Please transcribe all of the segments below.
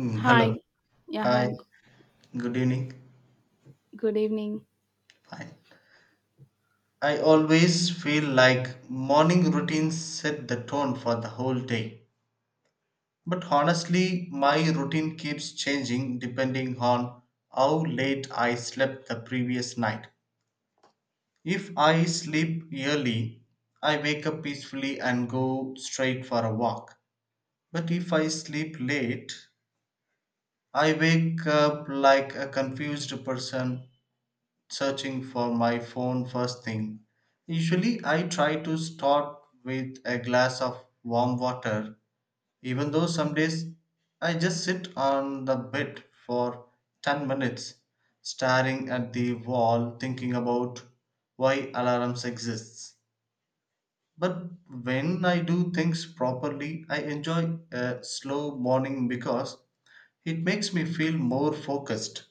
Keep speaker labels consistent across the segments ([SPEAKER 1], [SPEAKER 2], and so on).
[SPEAKER 1] Hello.
[SPEAKER 2] Hi, yeah,
[SPEAKER 1] Hi.
[SPEAKER 2] hi,
[SPEAKER 1] Good evening.
[SPEAKER 2] good evening.
[SPEAKER 1] Hi. I always feel like morning routines set the tone for the whole day. But honestly, my routine keeps changing depending on how late I slept the previous night. If I sleep early, I wake up peacefully and go straight for a walk. But if I sleep late, I wake up like a confused person searching for my phone first thing. Usually, I try to start with a glass of warm water, even though some days I just sit on the bed for 10 minutes, staring at the wall, thinking about why alarms exist. But when I do things properly, I enjoy a slow morning because it makes me feel more focused.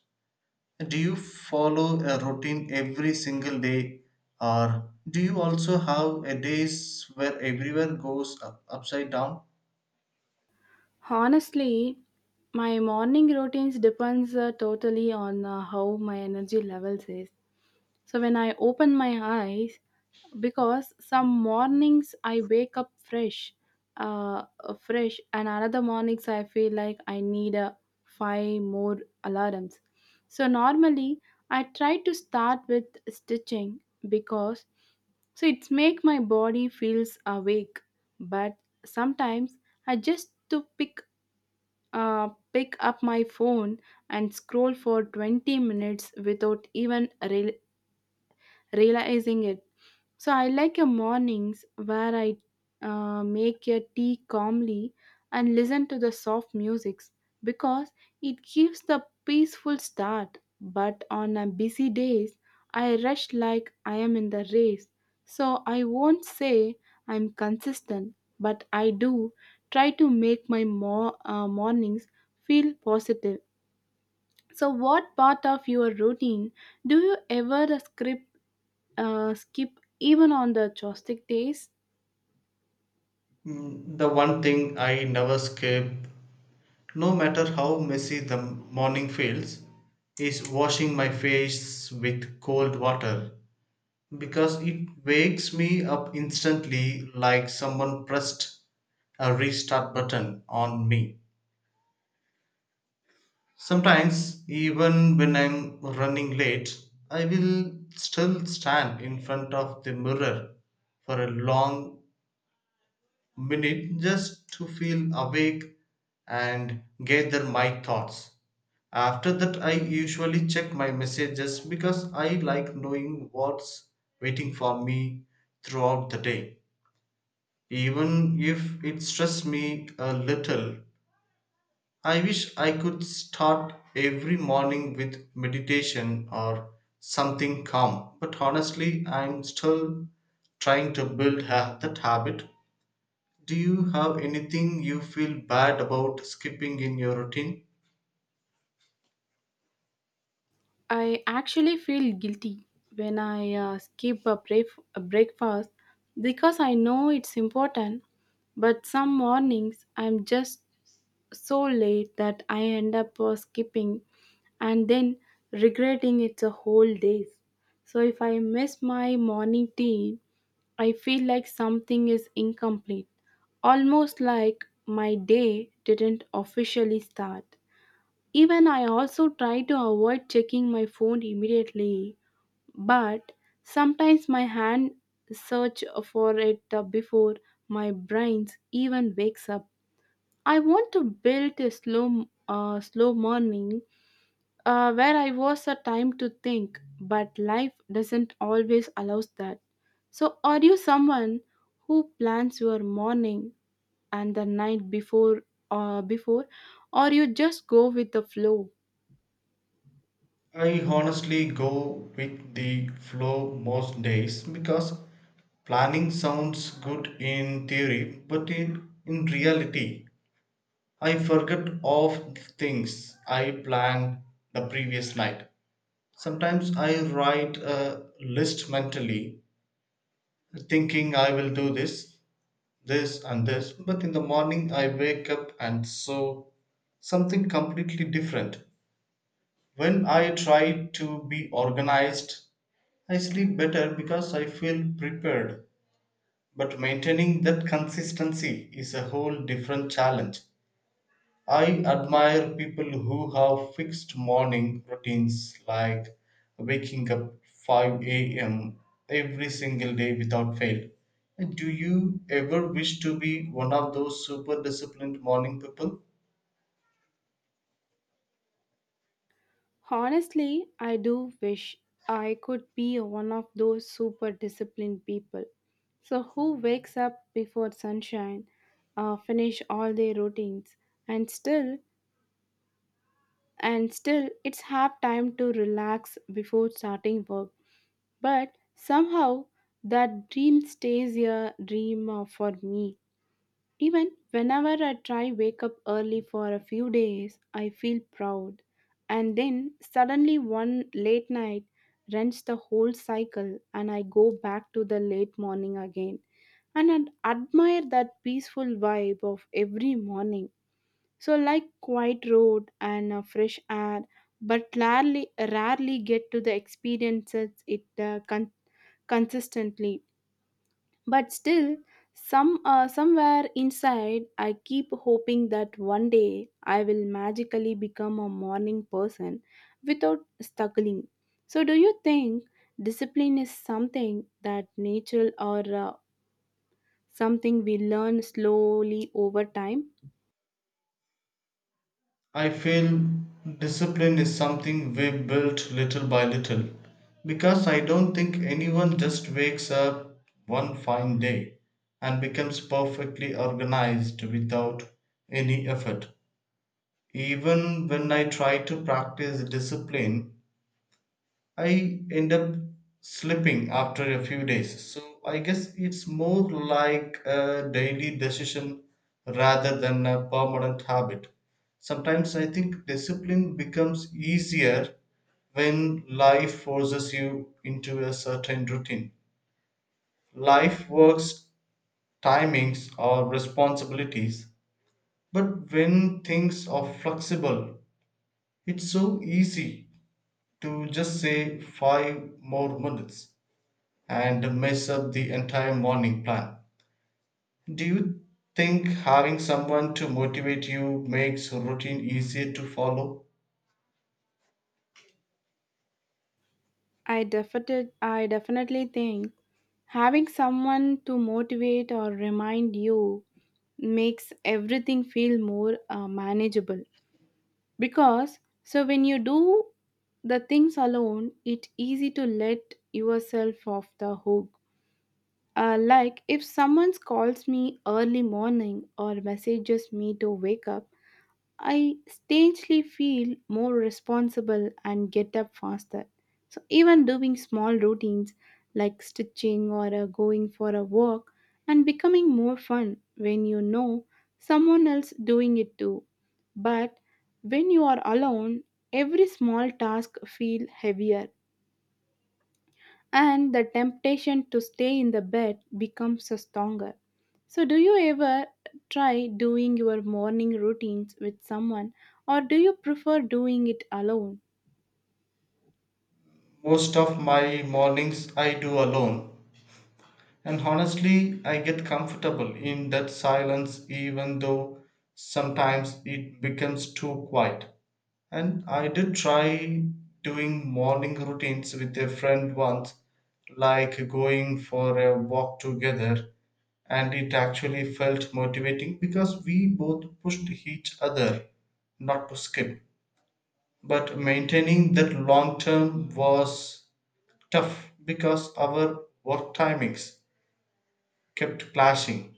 [SPEAKER 1] Do you follow a routine every single day, or do you also have a days where everywhere goes upside down?
[SPEAKER 2] Honestly, my morning routines depends totally on how my energy levels is. So when I open my eyes, because some mornings I wake up fresh, fresh, and another mornings I feel like I need a five more alarms. So normally I try to start with stitching because it's make my body feels awake. But sometimes I just to pick pick up my phone and scroll for 20 minutes without even realizing it. So I like your mornings where I make your tea calmly and listen to the soft music because it gives the peaceful start. But on a busy days, I rush like I am in the race. So I won't say I'm consistent, but I do try to make my mornings feel positive. So, what part of your routine do you ever script skip even on the joystick days?
[SPEAKER 1] The one thing I never skip, no matter how messy the morning feels, is washing my face with cold water because it wakes me up instantly like someone pressed a restart button on me. Sometimes, even when I'm running late, I will still stand in front of the mirror for a long minute just to feel awake and gather my thoughts. After that, I usually check my messages because I like knowing what's waiting for me throughout the day, even if it stresses me a little. I wish I could start every morning with meditation or something calm, but honestly, I'm still trying to build that habit. Do you have anything you feel bad about skipping in your routine?
[SPEAKER 2] I actually feel guilty when I skip a breakfast because I know it's important. But some mornings I'm just so late that I end up skipping and then regretting it a whole day. So if I miss my morning tea, I feel like something is incomplete, almost like my day didn't officially start. Even I also try to avoid checking my phone immediately, but sometimes my hand search for it before my brain even wakes up. I want to build a slow morning where I was a time to think, but life doesn't always allows that. So, are you someone who plans your morning and the night before, uh, before, or you just go with the flow?
[SPEAKER 1] I honestly go with the flow most days because planning sounds good in theory, but in reality, I forget of the things I planned the previous night. Sometimes I write a list mentally, thinking I will do this, this, and this, but in the morning I wake up and so something completely different. When I try to be organized, I sleep better because I feel prepared. But maintaining that consistency is a whole different challenge. I admire people who have fixed morning routines like waking up 5 a.m. every single day without fail. And do you ever wish to be one of those super disciplined morning people?
[SPEAKER 2] Honestly, I do wish I could be one of those super disciplined people. So, who wakes up before sunshine, finish all their routines, and still, and still, it's half time to relax before starting work. But somehow, that dream stays a dream for me. Even whenever I try wake up early for a few days, I feel proud. And then suddenly one late night rents the whole cycle and I go back to the late morning again. And I admire that peaceful vibe of every morning. So like quiet road and fresh air, but rarely get to the experiences it consistently, but still somewhere inside I keep hoping that one day I will magically become a morning person without struggling. So do you think discipline is something that natural, or something we learn slowly over time?
[SPEAKER 1] I feel discipline is something we built little by little because I don't think anyone just wakes up one fine day and becomes perfectly organized without any effort. Even when I try to practice discipline, I end up slipping after a few days. So I guess it's more like a daily decision rather than a permanent habit. Sometimes I think discipline becomes easier when life forces you into a certain routine. Life works timings or responsibilities. But when things are flexible, it's so easy to just say 5 more minutes and mess up the entire morning plan. Do you think having someone to motivate you makes routine easier to follow?
[SPEAKER 2] I definitely think having someone to motivate or remind you makes everything feel more manageable, because when you do the things alone it's easy to let yourself off the hook. Like if someone calls me early morning or messages me to wake up, I strangely feel more responsible and get up faster. So, even doing small routines like stitching or going for a walk and becoming more fun when you know someone else doing it too. But when you are alone, every small task feel heavier and the temptation to stay in the bed becomes stronger. So, do you ever try doing your morning routines with someone, or do you prefer doing it alone?
[SPEAKER 1] Most of my mornings I do alone, and honestly, I get comfortable in that silence even though sometimes it becomes too quiet. And I did try doing morning routines with a friend once, like going for a walk together, and it actually felt motivating because we both pushed each other not to skip. But maintaining that long term was tough because our work timings kept clashing.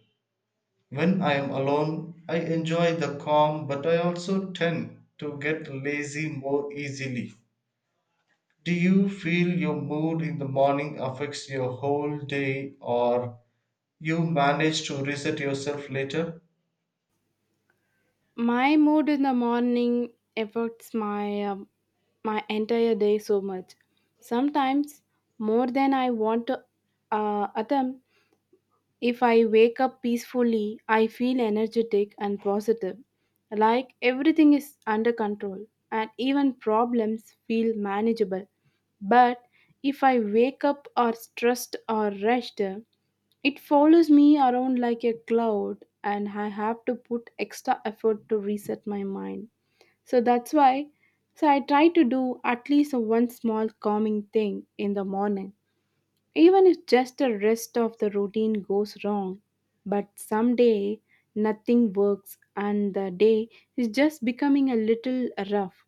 [SPEAKER 1] When I am alone, I enjoy the calm, but I also tend to get lazy more easily. Do you feel your mood in the morning affects your whole day or you manage to reset yourself later?
[SPEAKER 2] My mood in the morning affects my entire day so much. Sometimes more than I want to attempt. If I wake up peacefully, I feel energetic and positive, like everything is under control and even problems feel manageable. But if I wake up or stressed or rushed, it follows me around like a cloud and I have to put extra effort to reset my mind. So that's why I try to do at least one small calming thing in the morning. Even if just the rest of the routine goes wrong, but someday nothing works and the day is just becoming a little rough.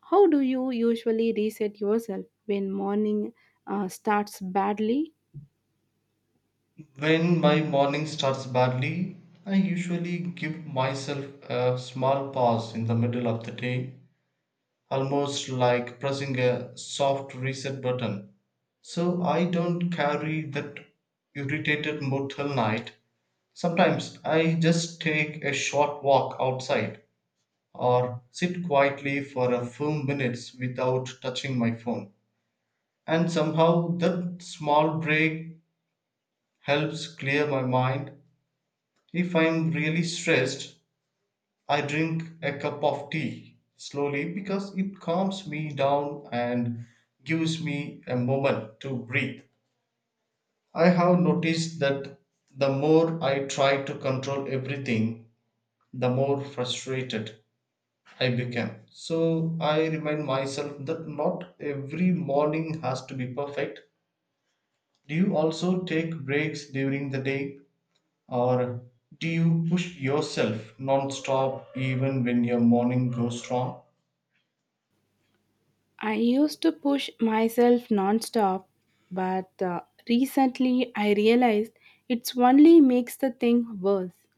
[SPEAKER 2] How do you usually reset yourself when morning starts badly?
[SPEAKER 1] When my morning starts badly, I usually give myself a small pause in the middle of the day, almost like pressing a soft reset button. So I don't carry that irritated mood till night. Sometimes I just take a short walk outside or sit quietly for a few minutes without touching my phone. And somehow that small break helps clear my mind. If I'm really stressed, I drink a cup of tea slowly because it calms me down and gives me a moment to breathe. I have noticed that the more I try to control everything, the more frustrated I became. So I remind myself that not every morning has to be perfect. Do you also take breaks during the day or do you push yourself non-stop even when your morning goes wrong?
[SPEAKER 2] I used to push myself nonstop, but recently I realized it's only makes the thing worse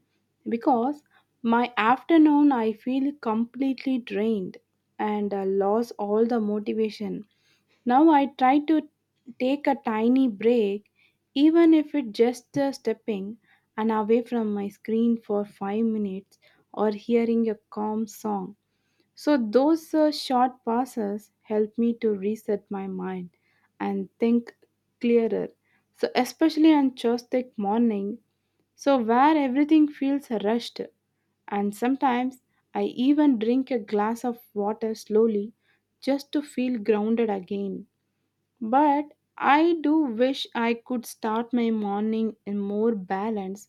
[SPEAKER 2] because my afternoon I feel completely drained and lost all the motivation. Now I try to take a tiny break, even if it's just stepping and away from my screen for 5 minutes or hearing a calm song. So, those short passes help me to reset my mind and think clearer. So, especially on Tuesday morning, so where everything feels rushed, and sometimes I even drink a glass of water slowly just to feel grounded again. But I do wish I could start my morning in more balance.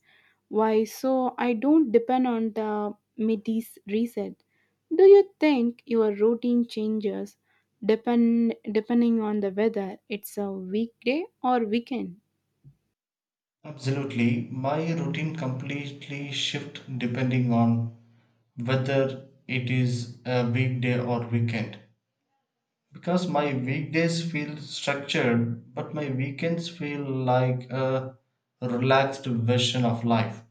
[SPEAKER 2] Why? So I don't depend on the midis reset. Do you think your routine changes depending on the whether it's a weekday or weekend?
[SPEAKER 1] Absolutely. My routine completely shift depending on whether it is a weekday or weekend. Because my weekdays feel structured, but my weekends feel like a relaxed version of life.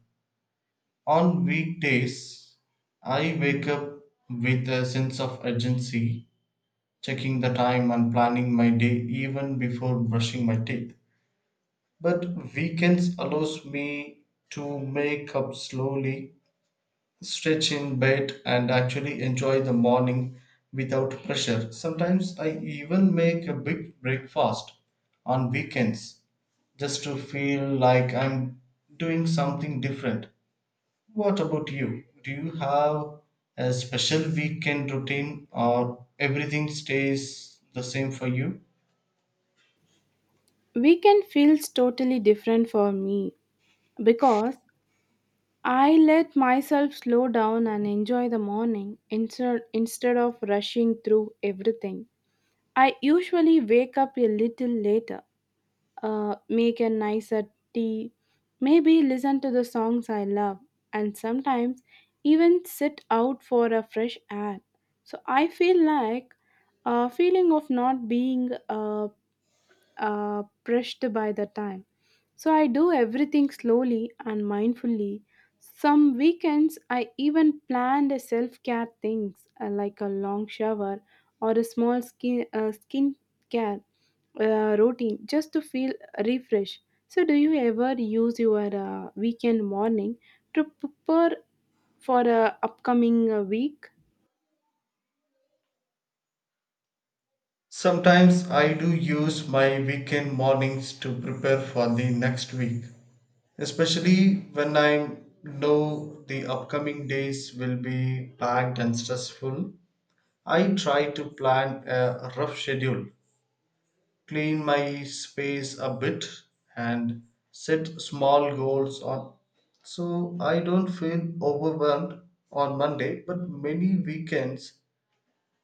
[SPEAKER 1] On weekdays, I wake up with a sense of urgency, checking the time and planning my day even before brushing my teeth. But weekends allows me to make up slowly, stretch in bed, and actually enjoy the morning without pressure. Sometimes I even make a big breakfast on weekends just to feel like I'm doing something different. What about you? Do you have a special weekend routine or everything stays the same for you?
[SPEAKER 2] Weekend feels totally different for me because I let myself slow down and enjoy the morning instead of rushing through everything. I usually wake up a little later, make a nicer tea, maybe listen to the songs I love, and sometimes even sit out for a fresh air. So I feel like a feeling of not being pressed by the time. So I do everything slowly and mindfully. Some weekends I even planned a self-care things like a long shower or a small skin care routine just to feel refreshed. So do you ever use your weekend morning to prepare for a upcoming week?
[SPEAKER 1] Sometimes I do use my weekend mornings to prepare for the next week, especially when I know the upcoming days will be packed and stressful. I try to plan a rough schedule, clean my space a bit, and set small goals on so I don't feel overwhelmed on Monday, but many weekends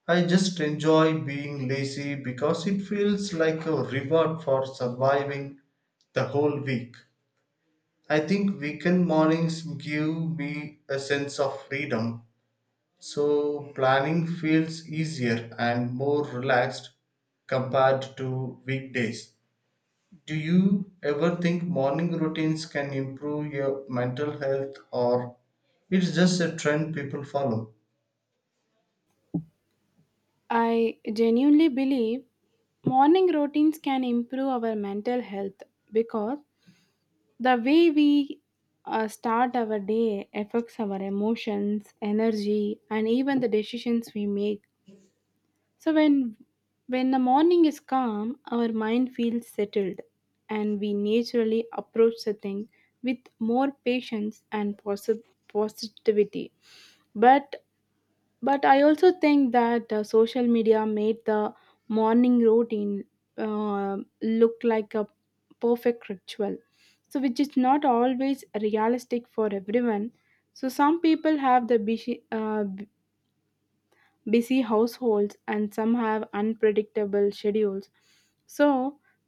[SPEAKER 1] I just enjoy being lazy because it feels like a reward for surviving the whole week. I think weekend mornings give me a sense of freedom, so planning feels easier and more relaxed compared to weekdays. Do you ever think morning routines can improve your mental health or it's just a trend people follow?
[SPEAKER 2] I genuinely believe morning routines can improve our mental health because the way we start our day affects our emotions, energy, and even the decisions we make. So when the morning is calm, our mind feels settled, and we naturally approach the thing with more patience and positivity. But but I also think that social media made the morning routine look like a perfect ritual, so which is not always realistic for everyone. So some people have the busy households and some have unpredictable schedules, so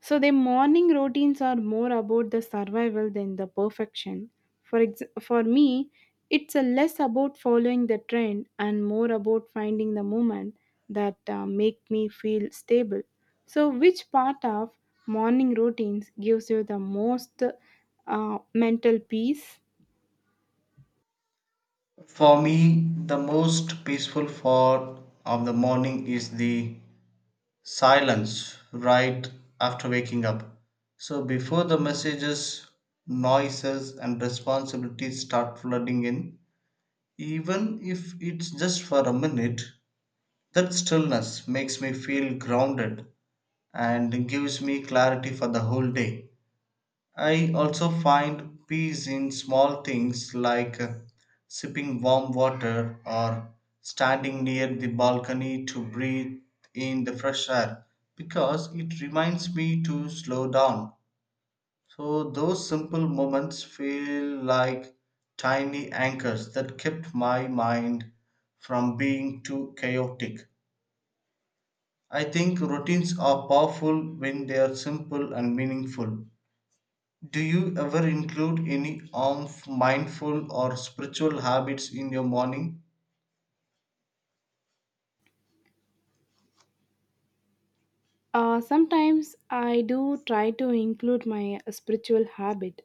[SPEAKER 2] their morning routines are more about the survival than the perfection. For me, it's a less about following the trend and more about finding the moment that make me feel stable. So which part of morning routines gives you the most mental peace?
[SPEAKER 1] For me, the most peaceful part of the morning is the silence right after waking up. So before the messages, noises, and responsibilities start flooding in, even if it's just for a minute, that stillness makes me feel grounded and gives me clarity for the whole day. I also find peace in small things like sipping warm water or standing near the balcony to breathe in the fresh air because it reminds me to slow down. So, those simple moments feel like tiny anchors that kept my mind from being too chaotic. I think routines are powerful when they are simple and meaningful. Do you ever include any of mindful or spiritual habits in your morning?
[SPEAKER 2] Sometimes I do try to include my spiritual habit.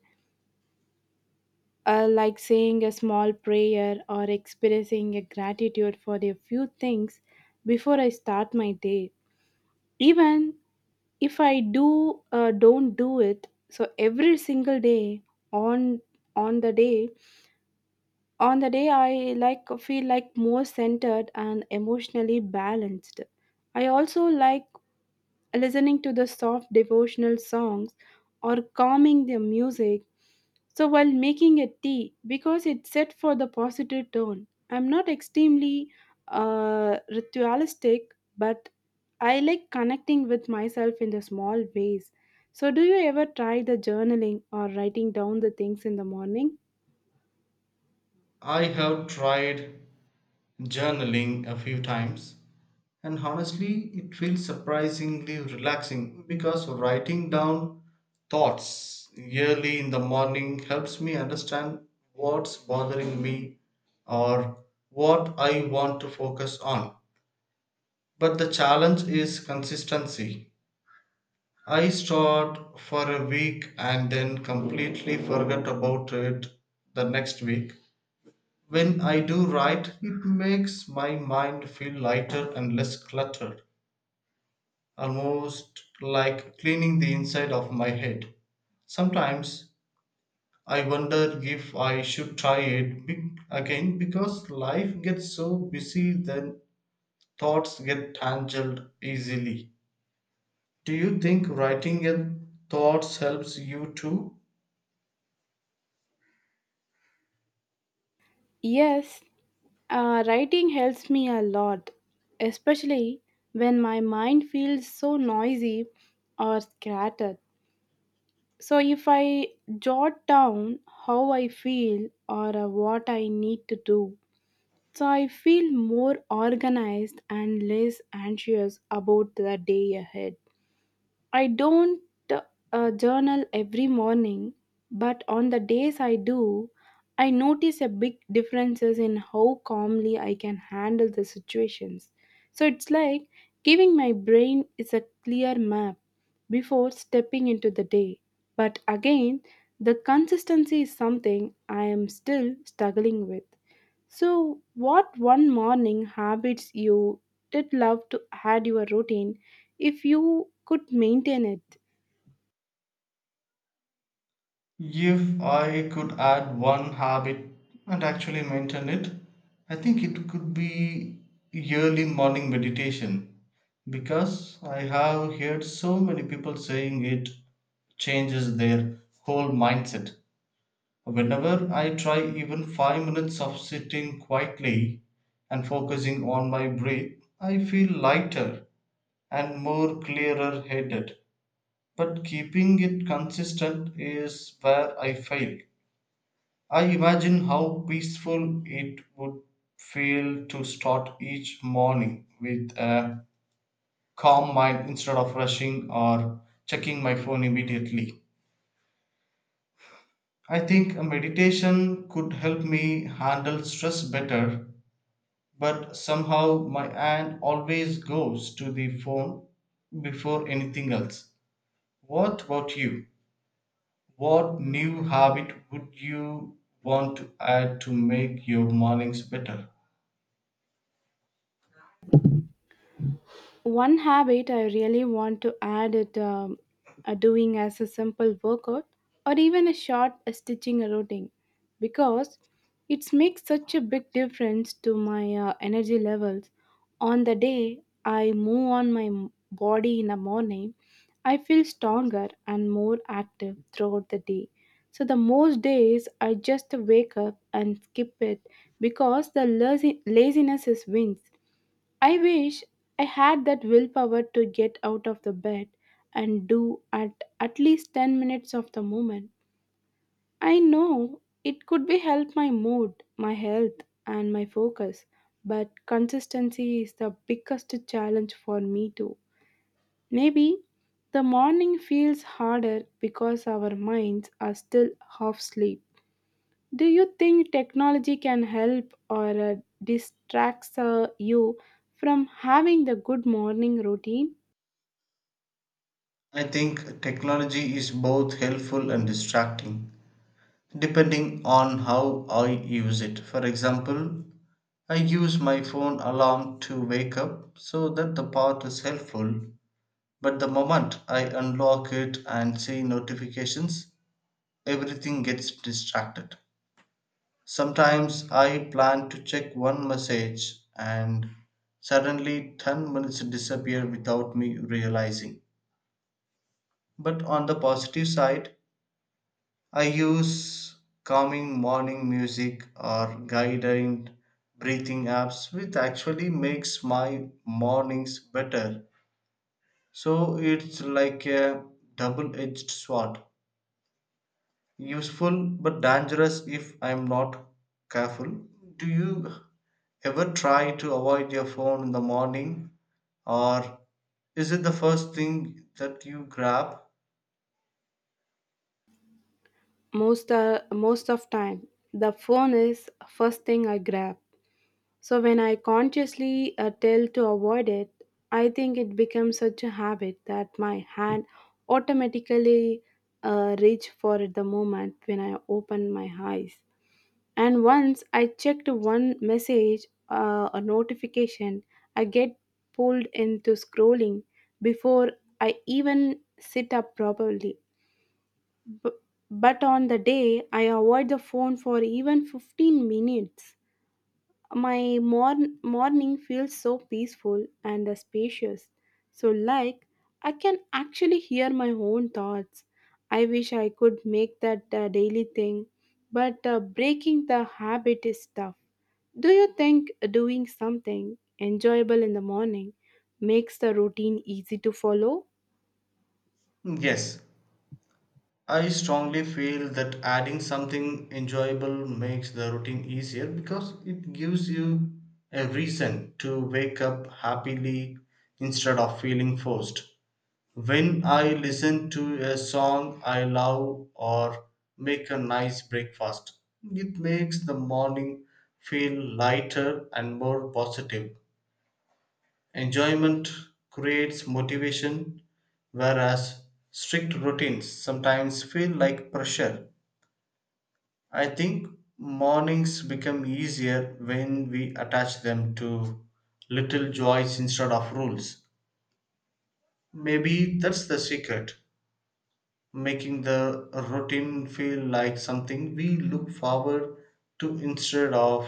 [SPEAKER 2] Like saying a small prayer or expressing a gratitude for a few things before I start my day. Even if I do don't do it, so every single day on on the day on the day I like feel like more centered and emotionally balanced. I also like listening to the soft devotional songs or calming their music so while making a tea because it's set for the positive tone. I'm not extremely ritualistic, but I like connecting with myself in the small ways. So do you ever try the journaling or writing down the things in the morning?
[SPEAKER 1] I have tried journaling a few times, and honestly, it feels surprisingly relaxing because writing down thoughts early in the morning helps me understand what's bothering me or what I want to focus on. But the challenge is consistency. I start for a week and then completely forget about it the next week. When I do write, it makes my mind feel lighter and less cluttered, almost like cleaning the inside of my head. Sometimes I wonder if I should try it again because life gets so busy that thoughts get tangled easily. Do you think writing your thoughts helps you too?
[SPEAKER 2] Yes, writing helps me a lot, especially when my mind feels so noisy or scattered. So, if I jot down how I feel or what I need to do, so I feel more organized and less anxious about the day ahead. I don't journal every morning, but on the days I do, I notice a big differences in how calmly I can handle the situations. So it's like giving my brain is a clear map before stepping into the day. But again, the consistency is something I am still struggling with. So, what one morning habits you did love to add your routine if you could maintain it?
[SPEAKER 1] If I could add one habit and actually maintain it, I think it could be yearly morning meditation because I have heard so many people saying it changes their whole mindset. Whenever I try even 5 minutes of sitting quietly and focusing on my breath, I feel lighter and more clearer headed. But keeping it consistent is where I fail. I imagine how peaceful it would feel to start each morning with a calm mind instead of rushing or checking my phone immediately. I think a meditation could help me handle stress better, but somehow my hand always goes to the phone before anything else. What about you? What new habit would you want to add to make your mornings better?
[SPEAKER 2] One habit I really want to add it doing as a simple workout or even a short stitching routine because it makes such a big difference to my energy levels. On the day I move on my body in the morning, I feel stronger and more active throughout the day. So the most days I just wake up and skip it because the laziness is wins. I wish I had that willpower to get out of the bed and do at least 10 minutes of the movement. I know it could be help my mood, my health and my focus, but consistency is the biggest challenge for me too. Maybe the morning feels harder because our minds are still half asleep. Do you think technology can help or distracts you from having the good morning routine?
[SPEAKER 1] I think technology is both helpful and distracting depending on how I use it. For example, I use my phone alarm to wake up, so that the part is helpful, but the moment I unlock it and see notifications, everything gets distracted. Sometimes I plan to check one message and suddenly 10 minutes disappear without me realizing. But on the positive side, I use calming morning music or guided breathing apps, which actually makes my mornings better. So it's like a double edged sword. Useful but dangerous if I'm not careful. Do you ever try to avoid your phone in the morning or is it the first thing that you grab?
[SPEAKER 2] Most of time, the phone is first thing I grab. So when I consciously tell to avoid it, I think it becomes such a habit that my hand automatically reach for it the moment when I open my eyes. And once I checked one message, a notification, I get pulled into scrolling before I even sit up properly. B- but on the day, I avoid the phone for even 15 minutes. My morning feels so peaceful and spacious. So, like, I can actually hear my own thoughts. I wish I could make that daily thing, but breaking the habit is tough. Do you think doing something enjoyable in the morning makes the routine easy to follow?
[SPEAKER 1] Yes, I strongly feel that adding something enjoyable makes the routine easier because it gives you a reason to wake up happily instead of feeling forced. When I listen to a song I love or make a nice breakfast, it makes the morning feel lighter and more positive. Enjoyment creates motivation, whereas strict routines sometimes feel like pressure. I think mornings become easier when we attach them to little joys instead of rules. Maybe that's the secret, making the routine feel like something we look forward to instead of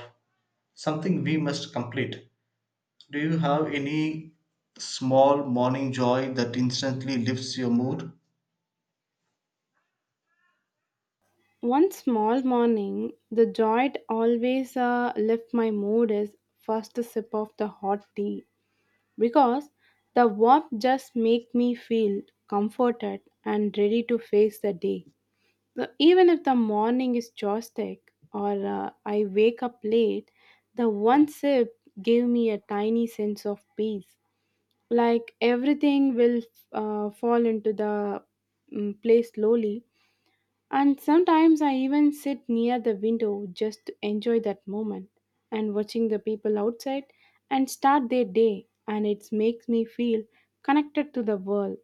[SPEAKER 1] something we must complete. Do you have any small morning joy that instantly lifts your mood?
[SPEAKER 2] One small morning, the joy it always left my mood is first sip of the hot tea because the warmth just make me feel comforted and ready to face the day. So even if the morning is chaotic or I wake up late, the one sip gave me a tiny sense of peace. Like everything will fall into the place slowly. And sometimes I even sit near the window just to enjoy that moment and watching the people outside and start their day, and it makes me feel connected to the world.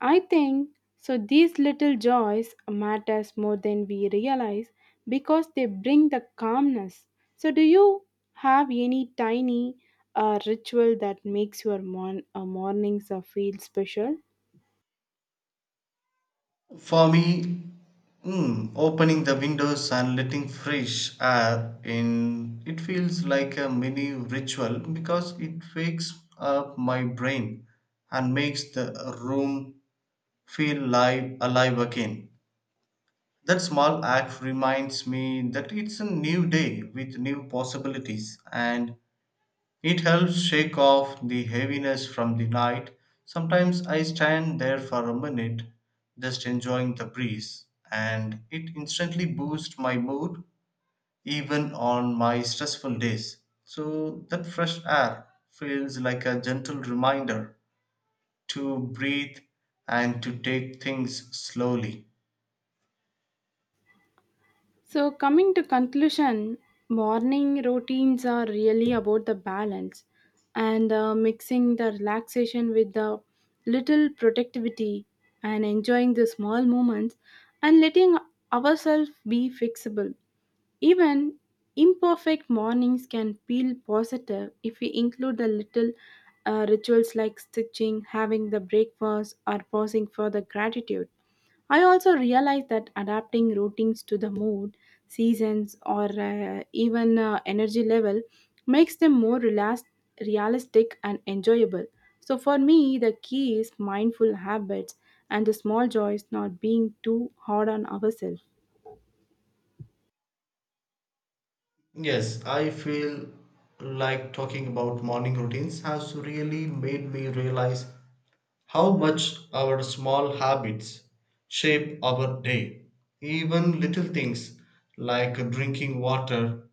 [SPEAKER 2] I think these little joys matters more than we realize because they bring the calmness. So do you have any tiny ritual that makes your mornings feel special?
[SPEAKER 1] For me, opening the windows and letting fresh air in, it feels like a mini ritual because it wakes up my brain and makes the room feel alive again. That small act reminds me that it's a new day with new possibilities and it helps shake off the heaviness from the night. Sometimes I stand there for a minute just enjoying the breeze, and it instantly boosts my mood even on my stressful days. So that fresh air feels like a gentle reminder to breathe and to take things slowly.
[SPEAKER 2] So, coming to conclusion, morning routines are really about the balance and mixing the relaxation with the little productivity and enjoying the small moments and letting ourselves be fixable. Even imperfect mornings can feel positive if we include the little rituals like stitching, having the breakfast, or pausing for the gratitude. I also realize that adapting routines to the mood, seasons, or even energy level makes them more relaxed, realistic, and enjoyable. So, for me, the key is mindful habits and the small joys, not being too hard on ourselves.
[SPEAKER 1] Yes, I feel like talking about morning routines has really made me realize how much our small habits shape our day. Even little things like drinking water,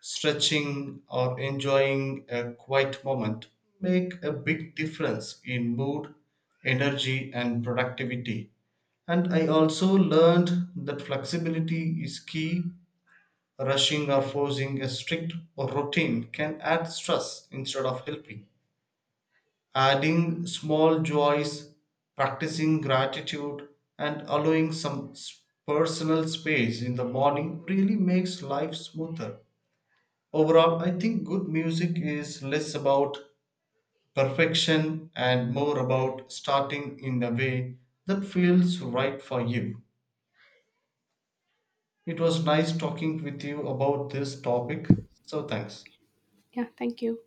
[SPEAKER 1] stretching, or enjoying a quiet moment make a big difference in mood, energy, and productivity. And I also learned that flexibility is key. Rushing or forcing a strict routine can add stress instead of helping. Adding small joys, practicing gratitude, and allowing some personal space in the morning really makes life smoother. Overall, I think good music is less about perfection and more about starting in a way that feels right for you. It was nice talking with you about this topic, so thanks.
[SPEAKER 2] Yeah, thank you.